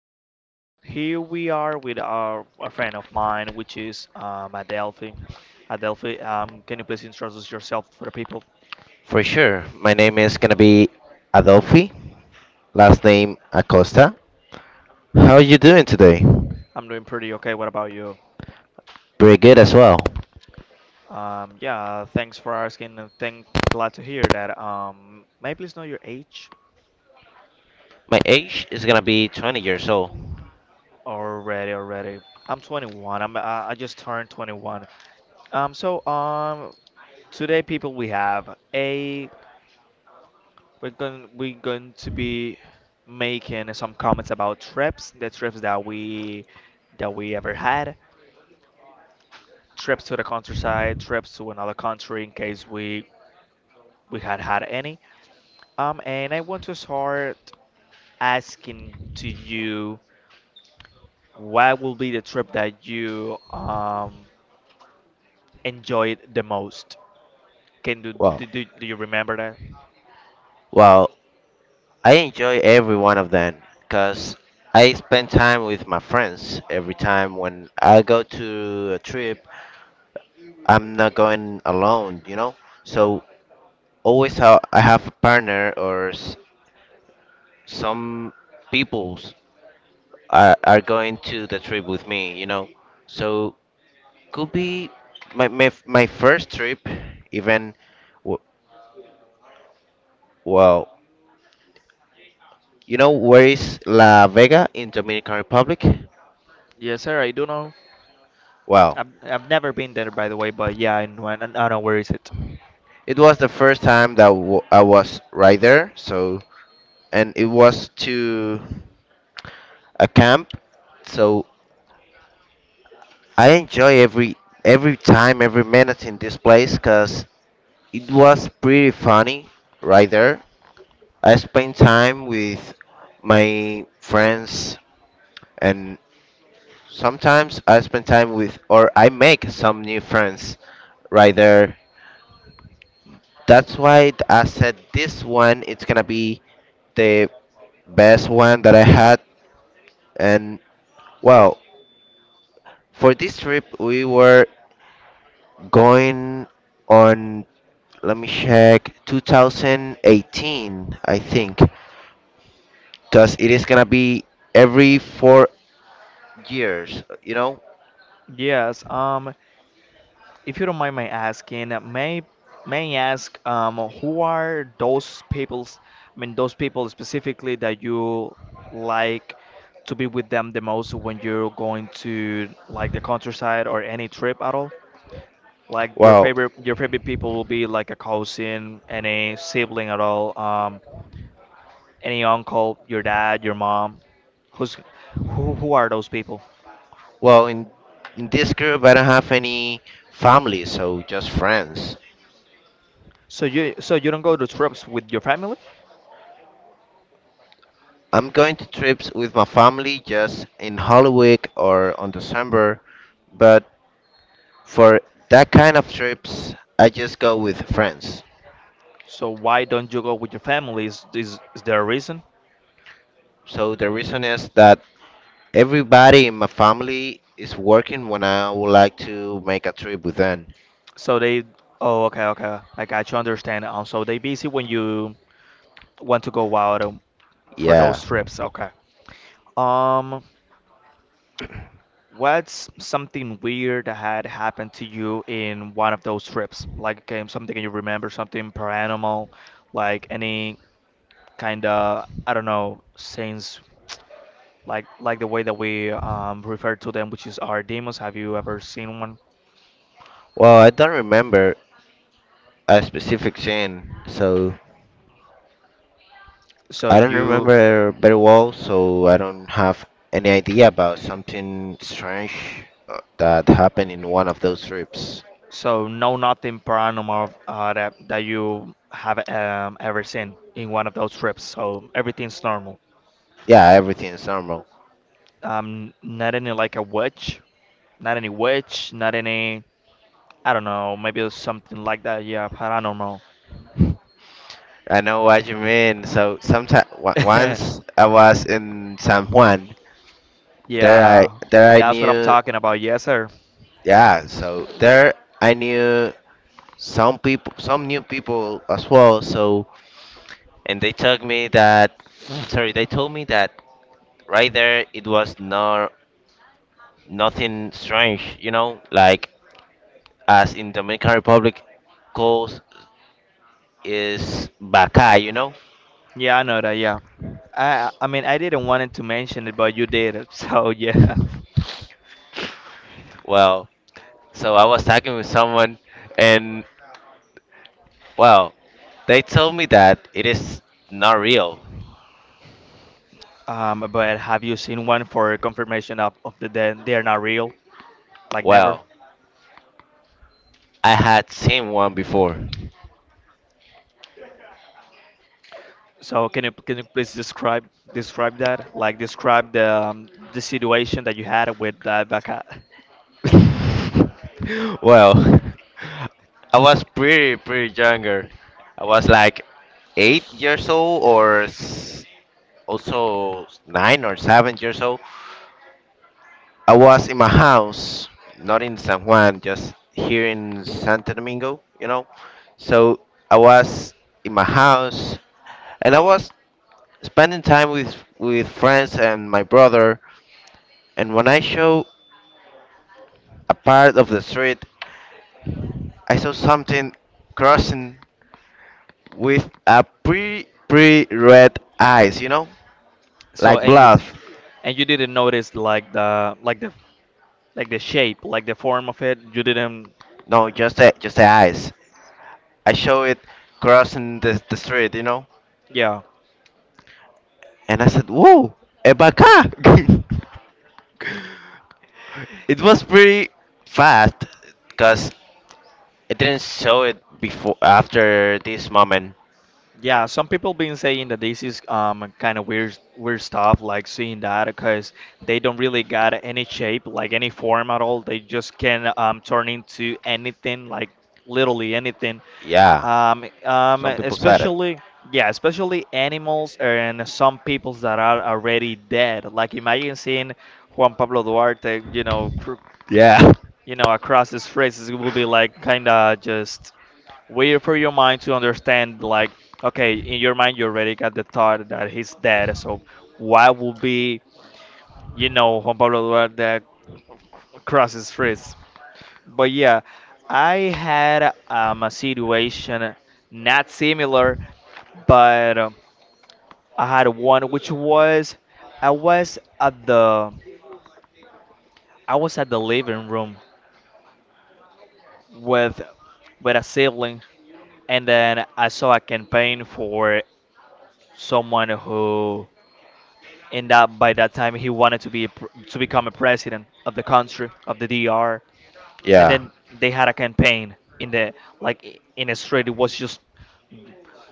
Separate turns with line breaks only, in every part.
and here we are with our a friend of mine, which is Adelphi. Adelphi, can you please introduce yourself for the people?
For sure. My name is gonna be Adolfi, last name Acosta. How are you doing today?
I'm doing pretty okay. What about you?
Pretty good as well.
Yeah, thanks for asking, and thank glad to hear that. May I please know your age?
My age is gonna be 20 years old.
Already, already. I'm 21. I just turned 21. Um, so um, Today people we have a we're going to be making some comments about trips, the trips that we ever had, trips to the countryside, trips to another country in case we had had any. And I want to start asking to you what will be the trip that you enjoyed the most? Can do
Wow.
do, do, do you remember that?
Well, I enjoy every one of them because I spend time with my friends every time when I go to a trip. I'm not going alone, you know? So always I have a partner or some peoples are going to the trip with me, you know. So could be my first trip, even w- well, you know where is La Vega in Dominican Republic?
Yes, sir. I do know.
Well,
I've never been there, by the way, but yeah, I know where is it.
it was the first time that I was right there. So, and it was to a camp. So I enjoy every time, every minute in this place, cause it was pretty funny right there. I spend time with my friends, and sometimes I spend time with or I make some new friends right there. That's why I said this one it's gonna be the best one that I had. And well, for this trip we were going on, let me check, 2018, I think, because it is gonna be every 4 years, you know.
Yes, if you don't mind my asking, may I ask who are those people's, I mean those people specifically that you like to be with them the most when you're going to like the countryside or any trip at all? Like
Wow.
your favorite people will be like a cousin, any sibling at all, any uncle, your dad, your mom. Who's who are those people?
Well, in this group, I don't have any family, so just friends.
So you don't go to trips with your family?
I'm going to trips with my family just in Halloween or on December, but for that kind of trips, I just go with friends.
So why don't you go with your family? Is there a reason?
So the reason is that everybody in my family is working when I would like to make a trip with them.
So they, oh, okay, okay, I got you, understand. So they busy when you want to go out for those
Yeah.
trips. Okay. Um, what's something weird that had happened to you in one of those trips? Like, okay, something you remember, something paranormal, like any kind of, I don't know, saints, like the way that we refer to them, which is our demons. Have you ever seen one?
Well, I don't remember a specific scene, so
So
I don't
you
remember very well, so I don't have any idea about something strange that happened in one of those trips.
So no nothing paranormal that you have ever seen in one of those trips. So everything's normal.
Yeah, everything is normal.
Not any like a witch, not any witch, not any. I don't know. Maybe it's something like that. Yeah, paranormal.
I know what you mean. So sometimes once I was in San Juan, there I
Yeah, that's what I'm
knew,
talking about. Yes, sir.
yeah. So there I knew some people, some new people as well. So and they told me that right there it was not nothing strange, you know, like as in Dominican Republic goes is bacay, you know?
Yeah, I know that. Yeah. I mean I didn't wanted to mention it, but you did. It. So yeah.
Well, so I was talking with someone, and well, they told me that it is not real.
But have you seen one for confirmation of dead? They're not real? Like never?
Well, I had seen one before.
Can you please describe that? Like describe the situation that you had with that baka.
Well, I was pretty pretty younger. I was like 8 years old or also 9 or 7 years old. I was in my house, not in San Juan, just here in Santo Domingo, you know. So I was in my house, and I was spending time with friends and my brother. And when I show a part of the street, I saw something crossing with a pretty pretty red eyes, you know,
So
like
and you
blood.
and you didn't notice like the like the like the shape, like the form of it. You didn't.
No, just the eyes. I show it crossing the street, you know,
Yeah.
and I said, "Whoa, a baka!" It was pretty fast because it didn't show it before after this moment.
Yeah, some people been saying that this is kind of weird stuff like seeing that because they don't really got any shape like any form at all. They just can turn into anything like literally anything.
Yeah, some people said it.
Especially yeah, especially animals and some peoples that are already dead. Like imagine seeing Juan Pablo Duarte, you know, cr
Yeah,
you know, across these phrases, it will be like kind of just way for your mind to understand, like, okay, in your mind, you already got the thought that he's dead. So, what would be, you know, Juan Pablo Duarte across his phrase? But yeah, I had a situation not similar, but I had one which was I was at the I was at the living room with a sibling and then I saw a campaign for someone who, in that by that time, he wanted to become a president of the country of the DR, and
yeah,
then they had a campaign in in a street. It was just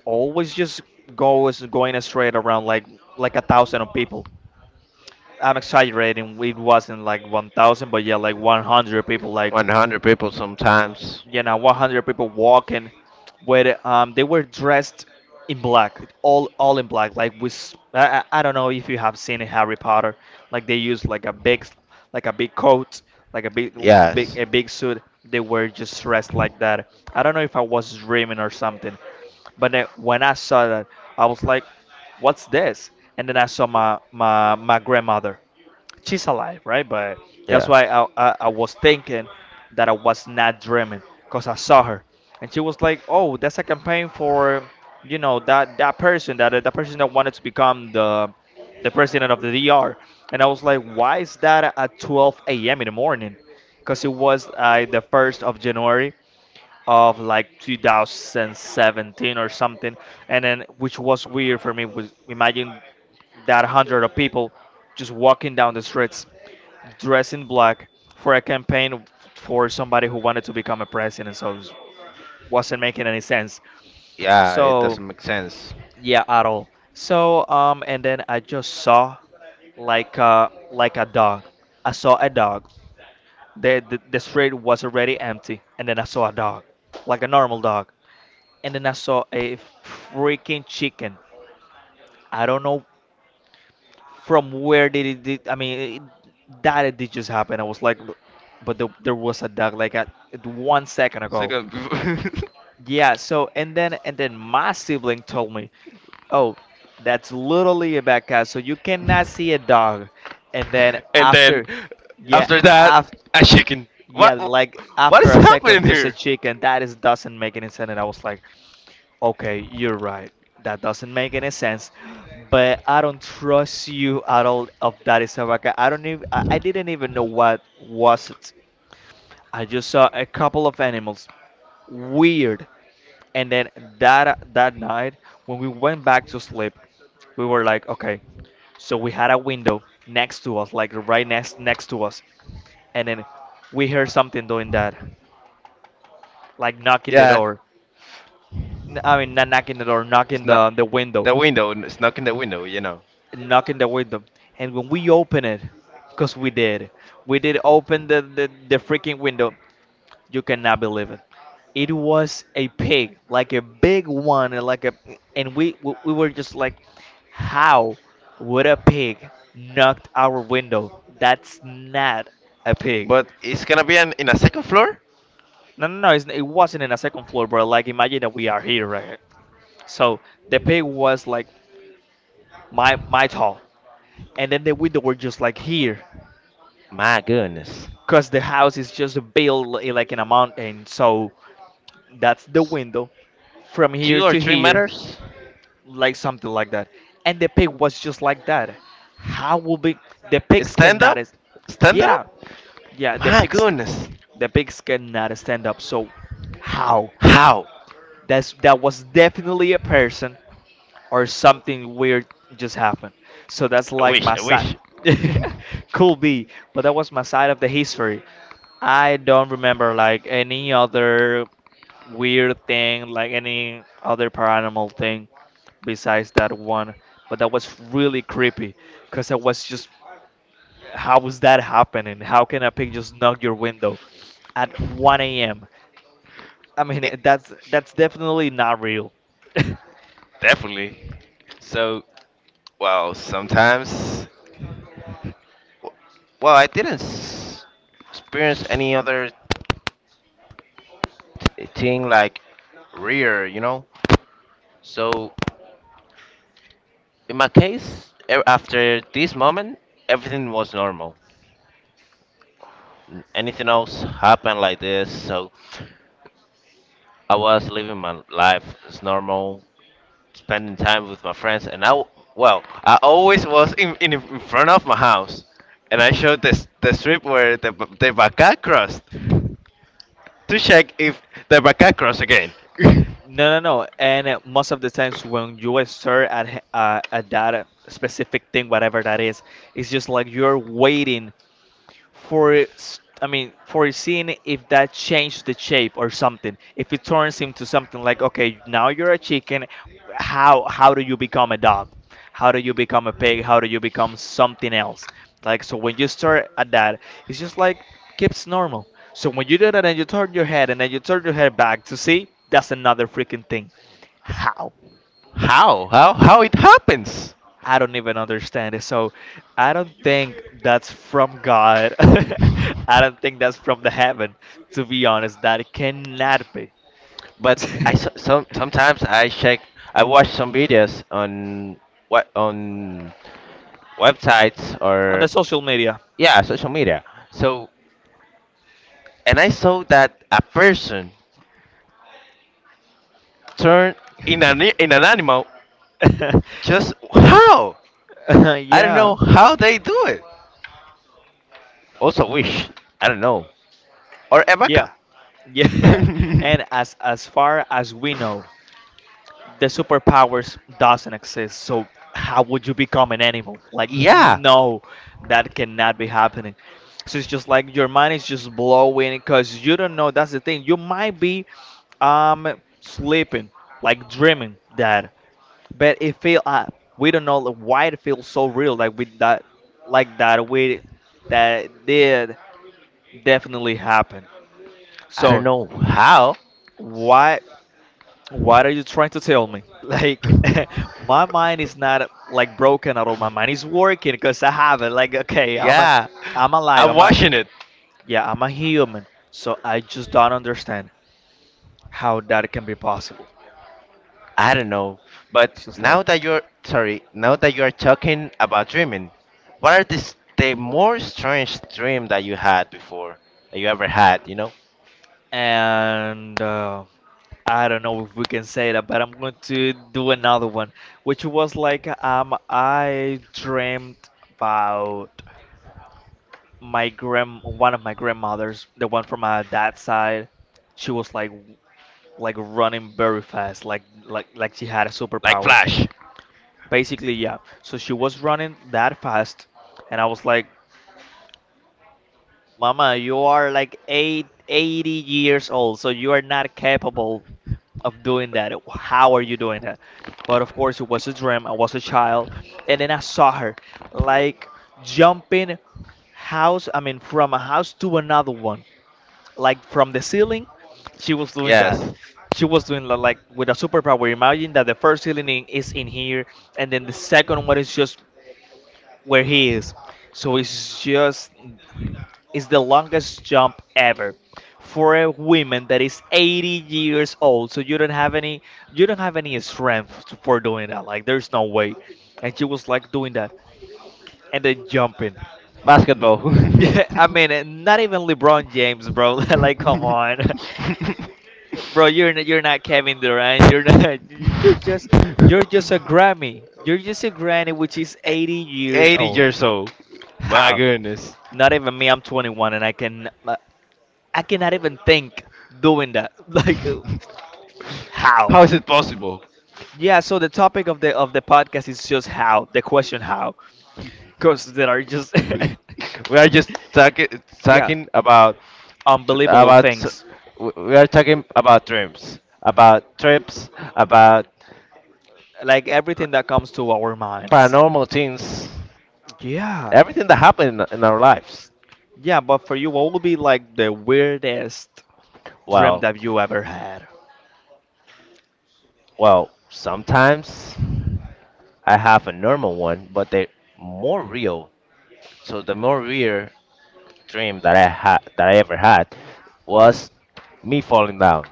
always just goes going straight around like a thousand of people. I'm exaggerating. It wasn't like 1,000, but yeah, like 100 people like
100 people sometimes.
you know 100 people walking with they were dressed in black all in black like I don't know if you have seen in Harry Potter like they used like like a big coat like a big l- big
Yes,
a big suit they were just dressed like that. I don't know if I was dreaming or something, but then when I saw that I was like what's this, and then I saw my grandmother. She's alive, right? But that's
yeah,
why I was thinking that I was not dreaming because I saw her, and she was like, oh, that's a campaign for, you know, that person, that person that wanted to become the president of the DR. And I was like, why is that at 12 a.m. in the morning? Because it was the 1st of January of like 2017 or something. And then, which was weird for me, was imagine that hundred of people just walking down the streets dressed in black for a campaign for somebody who wanted to become a president. So it wasn't making any sense.
yeah. It
So
doesn't make sense.
yeah, at all. So and then I just saw like a dog. I saw a dog. The street was already empty, and then I saw a dog, like a normal dog. And then I saw a freaking chicken. I don't know from where did it. I mean, that it did just happen. I was like, but there was a dog like at one second ago.
Second.
Yeah, so and then my sibling told me, "Oh, that's literally a bad cat. So you cannot see a dog." And then
And then
yeah,
after
after
that, a chicken.
yeah,
What?
like
What
after
is
a second,
happening
just a
here?
chicken. That is doesn't make any sense. And I was like, "Okay, you're right. That doesn't make any sense." But I don't trust you at all of that is a bad cat. I don't even. I didn't even know what was it. I just saw a couple of animals. Weird. And then that night, when we went back to sleep, we were like, okay. So we had a window next to us, like right next to us, and then we heard something doing that, like knocking the
Yeah,
door. I mean, not knocking the door,
it's
knocking
not
the window,
the window. It's knocking the window, you know.
knocking the window. And when we open it, because we did open the freaking window. You cannot believe it. It was a pig, like a big one, and like a, and we were just like, how would a pig knocked our window? That's not a pig.
But it's gonna be an, in a second floor.
No, no, no, it's, it wasn't in a second floor, bro. Like imagine that we are here, right? So the pig was like my tall, and then the window were just like here,
My goodness.
cause the house is just like in a mountain. So that's the window from
Two
here
or
to
three
here.
meters?
Like something like that. And the pig was just like that. How will be the pigs
Stand
cannot
up?
is
Stand it up?
yeah, yeah,
My goodness.
the pigs cannot stand up. So how?
How?
That's that was definitely a person or something weird just happened. So that's
I
like
wish,
my
I
side
wish.
could be, but that was my side of the history. I don't remember like any other weird thing, like any other paranormal thing besides that one, but that was really creepy because I was just, how was that happening? How can a pig just knock your window at 1 a.m.? I
It,
mean, that's definitely not real.
definitely. So, well, sometimes. Well, I didn't experience any other thing like rear, you know? So, in my case, after this moment, everything was normal. Anything else happened like this, so I was living my life as normal, spending time with my friends, and I always was in front of my house, and I showed this the strip where the vaca crossed to check if the vaca crossed again.
No, no, no. And most of the times when you at that specific thing, whatever that is, it's just like you're waiting I mean for seeing if that changed the shape or something. If it turns into something like okay, now you're a chicken, how do you become a dog? How do you become a pig? How do you become something else? Like so when you start at that, it's just like keeps normal. So when you do that and you turn your head and then you turn your head back to see, that's another freaking thing. How?
How how it happens?
I don't even understand it. So I don't think that's from God. I don't think that's from the heaven. To be honest, that cannot be.
But sometimes I watch some videos on what on websites
On
or
the social media.
yeah, social media. So and I saw that a person turned in an animal, just how I don't know
yeah.
how they do it. Also, Wish. I don't know. Or
Yeah.
Emeka.
Yeah. And as far as we know, the superpowers doesn't exist, so how would you become an animal? Like,
Yeah.
no, that cannot be happening. So it's just like your mind is just blowing because you don't know. That's the thing, you might be um sleeping, like dreaming that, but it feel we don't know, like, why it feels so real. Like with that, like that we that did definitely happen,
I don't
so
know how.
why? What are you trying to tell me? Like, my mind is not like broken at all. My mind is working because I have it. Like, okay,
Yeah.
I'm alive.
I'm watching it.
Yeah, I'm a human. So I just don't understand how that can be possible.
I don't know. But
It's just like,
now that you are talking about dreaming, what are this the more strange dream that you had before that you ever had? You know,
and I don't know if we can say that, but I'm going to do another one, which was like, I dreamt about one of my grandmothers, the one from my dad's side. She was like running very fast, like she had
like
superpowers.
Flash.
Basically, yeah. So she was running that fast, and I was like, "Mama, you are like eight, 80 years old, so you are not capable of doing that. How are you doing that?" But of course, it was a dream. I was a child, and then I saw her like jumping house. I mean, from a house to another one. Like from the ceiling, she was doing that.
Yes.
She was doing like with a superpower. Imagine that the first ceiling is in here, and then the second one is just where he is. So it's just, it's the longest jump ever for a woman that is 80 years old. So you don't have any, you don't have any strength for doing that. Like, there's no way. And she was like doing that and then jumping.
Basketball.
I mean, not even LeBron James, bro. Like, come on. Bro, you're not Kevin Durant. You're not. You're just, you're just a Grammy. You're just a granny which is 80 years
80
old.
years old. My
How?
goodness.
Not even me. I'm 21, and I can, I cannot even think doing that. Like, how?
How is it possible?
Yeah. So the topic of the podcast is just how. The question, how? Cause there are just
We are just
yeah,
talking
unbelievable
about
things,
we are talking about dreams, about trips, about
like everything that comes to our minds.
paranormal things,
Yeah.
everything that happened in our lives.
Yeah, but for you, what would be like the weirdest dream
Well,
that you ever had?
well, sometimes I have a normal one, but they're more real. So the more real dream that I had that I ever had was me falling down.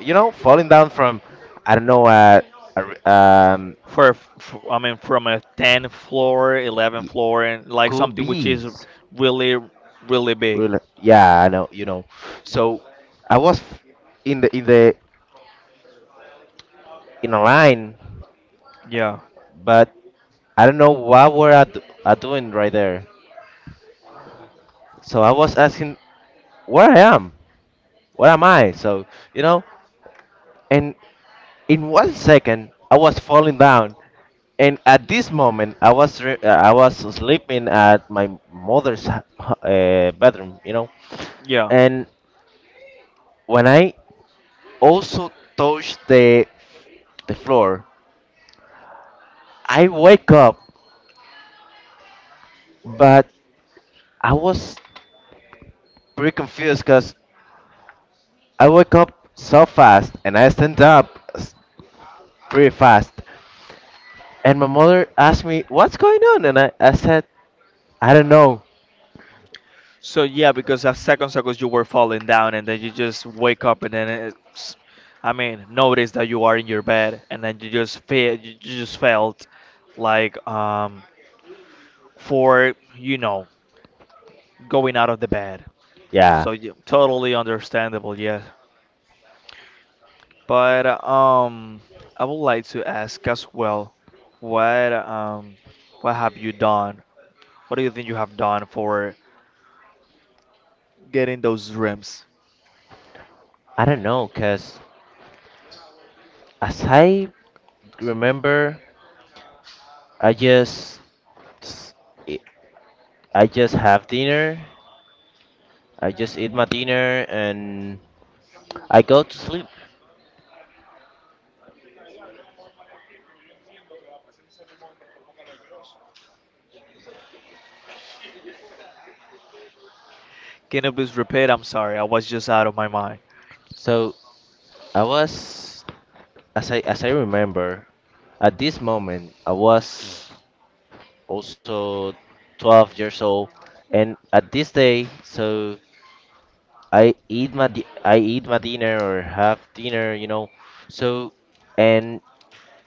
You know, falling down from I don't know, a r- um
For I mean, from a 10th floor, 11th
y-
floor, and like
could
something which
be
is really, really big.
really, yeah, I know, you know. So I was in the in the in a line,
Yeah,
but I don't know what were I doing right there. So I was asking where I am, where am I? So, you know, and in one second I was falling down. And at this moment, I was I was sleeping at my mother's bedroom, you know.
yeah.
And when I also touched the floor, I wake up, but I was pretty confused because I wake up so fast and I stand up pretty fast. And my mother asked me, "What's going on?" And I said, "I don't know."
So yeah, because at second circles you were falling down, and then you just wake up, and then it's, I mean, notice that you are in your bed, and then you just feel, you just felt like for you know going out of the bed.
Yeah,
So yeah, totally understandable. Yeah. But I would like to ask as well, what um, what have you done? What do you think you have done for getting those dreams?
I don't know, cause as I remember, I just s- i- I just have dinner. I just eat my dinner and I go to sleep.
Can you please repeat? I'm sorry, I was just out of my mind.
So I was, as I remember, at this moment I was also 12 years old, and at this day, so I eat my dinner or have dinner, you know. So, and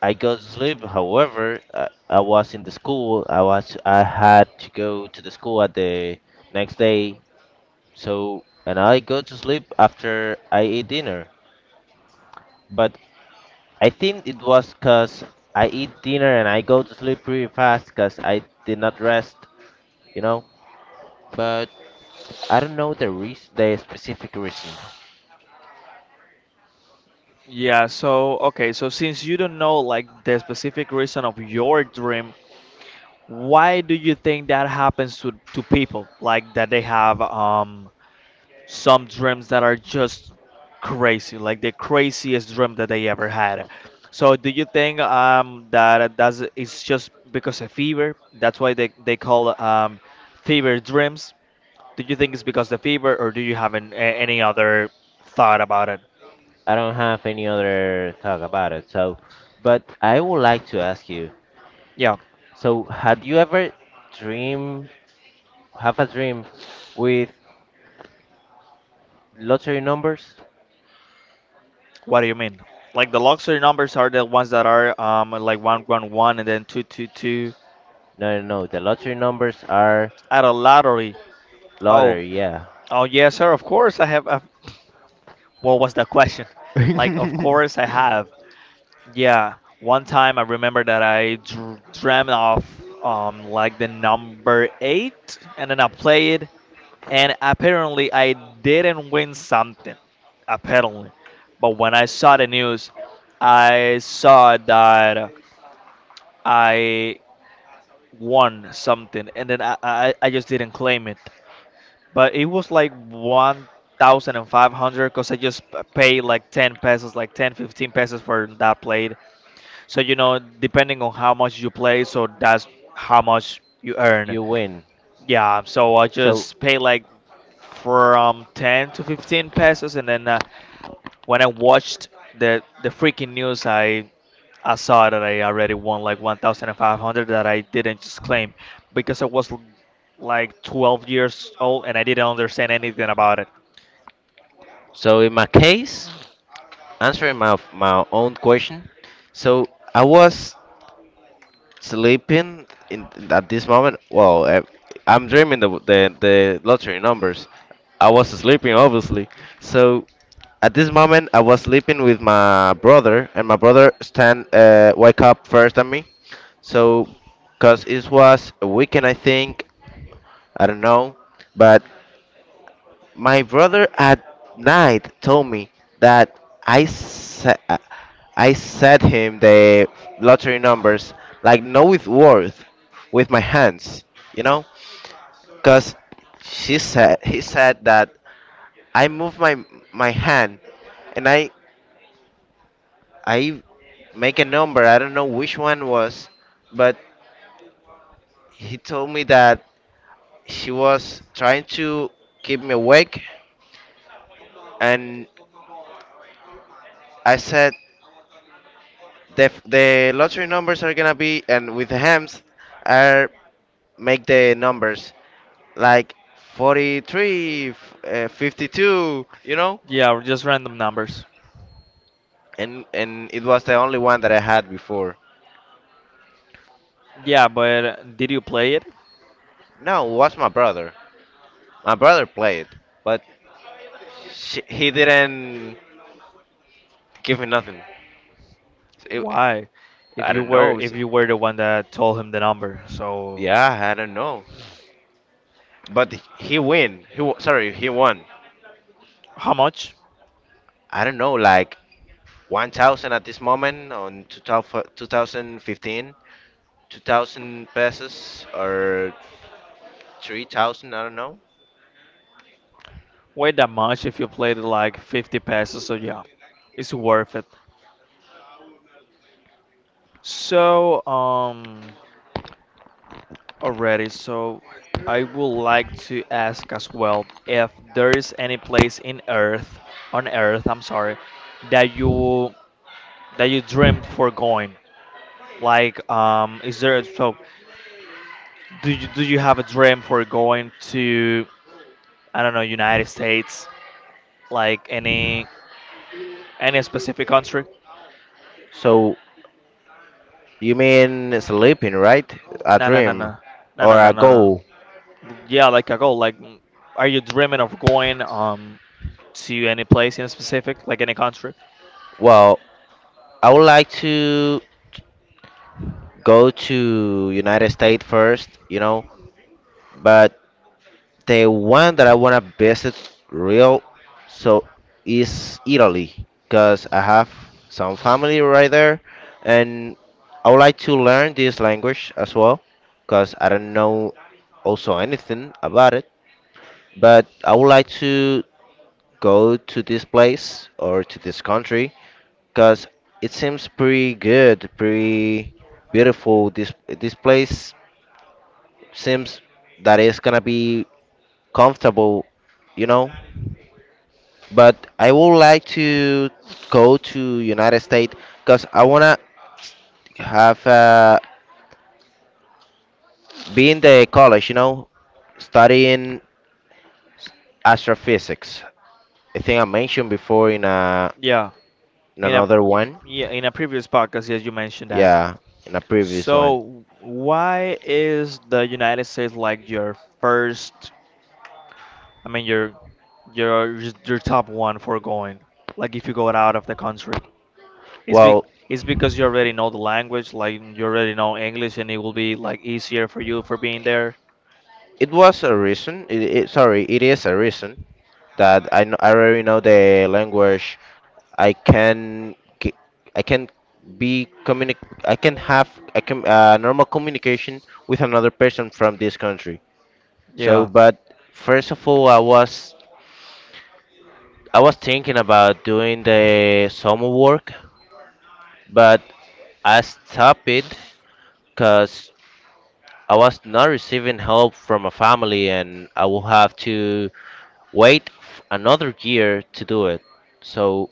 I go to sleep. However, I was in the school. I had to go to the school at the next day. So, and I go to sleep after I eat dinner. But I think it was because I eat dinner and I go to sleep pretty fast because I did not rest, you know? But I don't know the reason, the specific reason.
Yeah, so okay, so since you don't know like the specific reason of your dream, why do you think that happens to people? Like, that they have some dreams that are just crazy, like the craziest dream that they ever had. So, do you think that that's it's just because of fever? That's why they call fever dreams. Do you think it's because the fever, or do you have any other thought about it?
I don't have any other talk about it. So, but I would like to ask you.
Yeah,
So, had you ever dream, have a dream with lottery numbers?
what do you mean? Like the luxury numbers are the ones that are like one one one and then two two two
No, no, no. The lottery numbers are
at a lottery. Oh,
lottery, yeah.
oh yes, sir. Of course I have. I What was the question? Like, of course I have. Yeah, one time I remember that I dreamt of like the number eight, and then I played, and apparently I didn't win something, apparently. But when I saw the news, I saw that I won something, and then I just didn't claim it. But it was like 1,500, cause I just paid like ten pesos, like 10, 15 pesos for that plate, so you know, depending on how much you play, so that's how much you earn.
You win.
Yeah, so I
So,
just pay like from 10 to 15 pesos, and then when I watched the freaking news, I saw that I already won like 1,500 that I didn't just claim because I was like 12 years old and I didn't understand anything about it.
in my case, answering my own question, so I was sleeping in at this moment. Well, I'm dreaming the lottery numbers. I was sleeping, obviously. So at this moment, I was sleeping with my brother, and my brother stand wake up first than me. So, cause it was a weekend, I think. I don't know, but my brother at night told me that I sa- uh, I said him the lottery numbers like no with worth with my hands, you know? Cause she said he said that I move my hand and I make a number. I don't know which one was, but he told me that she was trying to keep me awake, and I said the the lottery numbers are gonna be and with the hams are make the numbers like 43, 52, you know.
Yeah, just random numbers.
And it was the only one that I had before.
Yeah, but did you play it?
No, it was my brother. My brother played, but sh he didn't give me nothing. It,
Why?
I don't know.
If you were the one that told him the number, so
Yeah, I don't know. But he win. He wa- sorry, he won.
how much?
I don't know, like 1,000 at this moment on 2000 2015. 2,000 pesos or 3,000, I don't know.
Way that much if you played like 50 passes, so yeah, it's worth it. So already, so I would like to ask as well if there is any place in Earth, on Earth, I'm sorry, that you, that you dreamed for going. Like, is there, so do you have a dream for going to, I don't know, United States? Like any specific country?
So you mean sleeping, right? A
No, no, no,
dream
no, no, no,
or
no,
a
no,
goal?
no. Yeah, like a goal. Like, mm, are you dreaming of going to any place in specific, like any country?
Well, I would like to go to United States first, you know, but the one that I wanna visit real so is Italy, cause I have some family right there, and I would like to learn this language as well, cause I don't know also anything about it. But I would like to go to this place or to this country, cause it seems pretty good, pretty beautiful. This place seems that it's gonna be comfortable, you know. But I would like to go to United States because I wanna have be in the college, you know, studying astrophysics. I think I mentioned before
Yeah,
in
in a
another
y-
one,
yeah, in a previous podcast, yes, you mentioned that.
yeah, in a previous one.
So why is the United States like your first? I mean, your your top one for going. Like if you go out of the country. It's be
Well,
it's because you already know the language, like you already know English, and it will be like easier for you for being there.
it was a reason. It is a reason that I already know the language. I can I can be communic have I can normal communication with another person from this country. So,
Yeah,
but first of all, I was thinking about doing the summer work, but I stopped it because I was not receiving help from a family, and I will have to wait another year to do it. So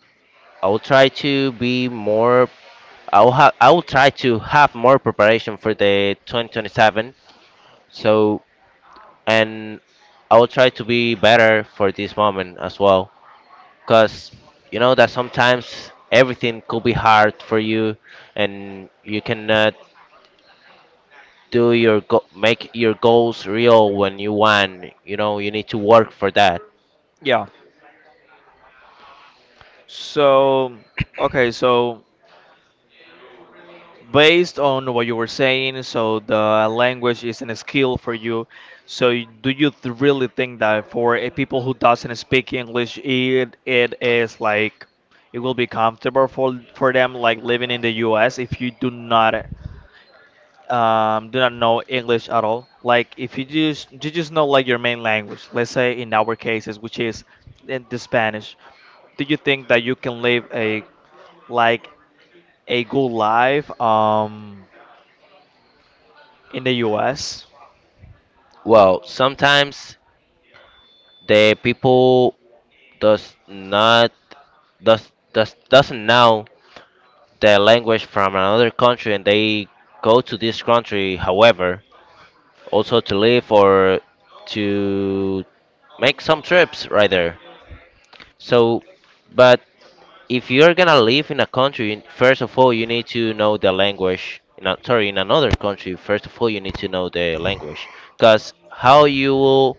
I will try to be more. I will have. I will try to have more preparation for the 2027. So and I will try to be better for this moment as well. Cause you know that sometimes everything could be hard for you, and you cannot do your make your goals real when you want. You know you need to work for that.
yeah. So, okay, so based on what you were saying, so the language is a skill for you. So, do you th really think that for a people who doesn't speak English, it is like, it will be comfortable for them, like living in the U.S. if you do not do not know English at all? Like if you just, you just know like your main language, let's say in our cases, which is in the Spanish, do you think that you can live a, like a good life in the U.S.?
Well, sometimes the people does not does does doesn't know the language from another country, and they go to this country, however, also to live or to make some trips right there. So, but if you're gonna live in a country, first of all, you need to know the language. In another country, first of all, you need to know the language, because how you will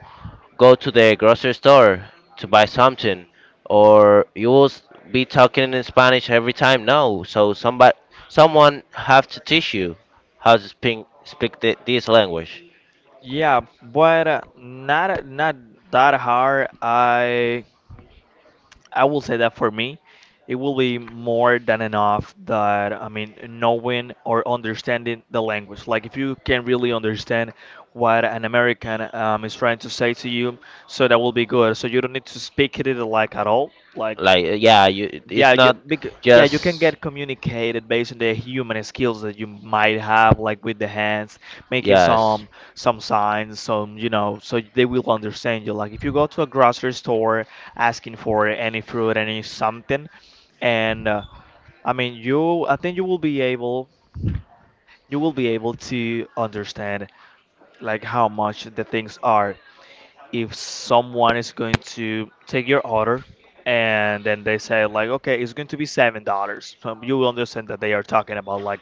go to the grocery store to buy something, or you will be talking in Spanish every time. No, so someone have to teach you how to speak this language.
Yeah, but not, not that hard. I will say that for me, it will be more than enough that, I mean, knowing or understanding the language. Like, if you can really understand what an American, is trying to say to you, so that will be good. So you don't need to speak it like at all. Like,
Like, yeah,
yeah,
it's
you
not
bec yeah, you can
just,
get communicated based on the human skills that you might have, like with the hands, making
yes,
some signs, some, you know, so they will understand you. Like if you go to a grocery store asking for any fruit, any something, and I mean I think you will be able, you will be able to understand like how much the things are, if someone is going to take your order and then they say like, okay, it's going to be $7. So you will understand that they are talking about like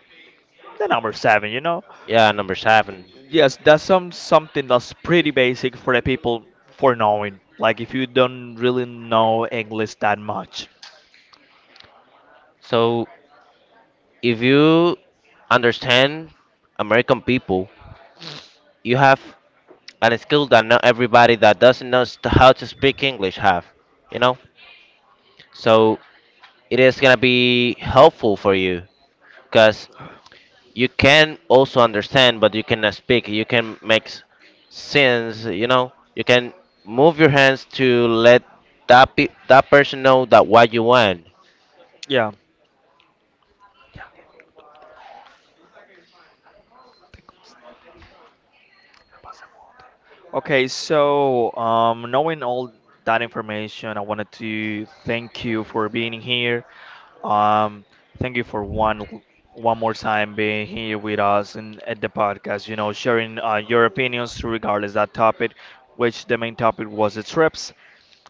the number seven, you know.
yeah. Number seven.
Yes, that's some, something that's pretty basic for the people for knowing, like if you don't really know English that much.
So if you understand American people, you have an skill that not everybody that doesn't know how to speak English have. You know, so it is gonna be helpful for you, because you can also understand, but you cannot speak. You can make sense. You know, you can move your hands to let that person know that what you want.
Yeah, okay, so knowing all that information, I wanted to thank you for being here. Um, thank you for one more time being here with us and at the podcast. You know, sharing your opinions regardless that topic, which the main topic was the trips.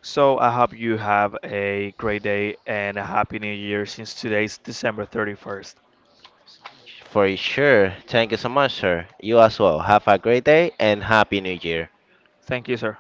So I hope you have a great day and a happy new year, since today's December 31st.
For sure. Thank you so much, sir. You as well. Have a great day and happy New Year.
Thank you, sir.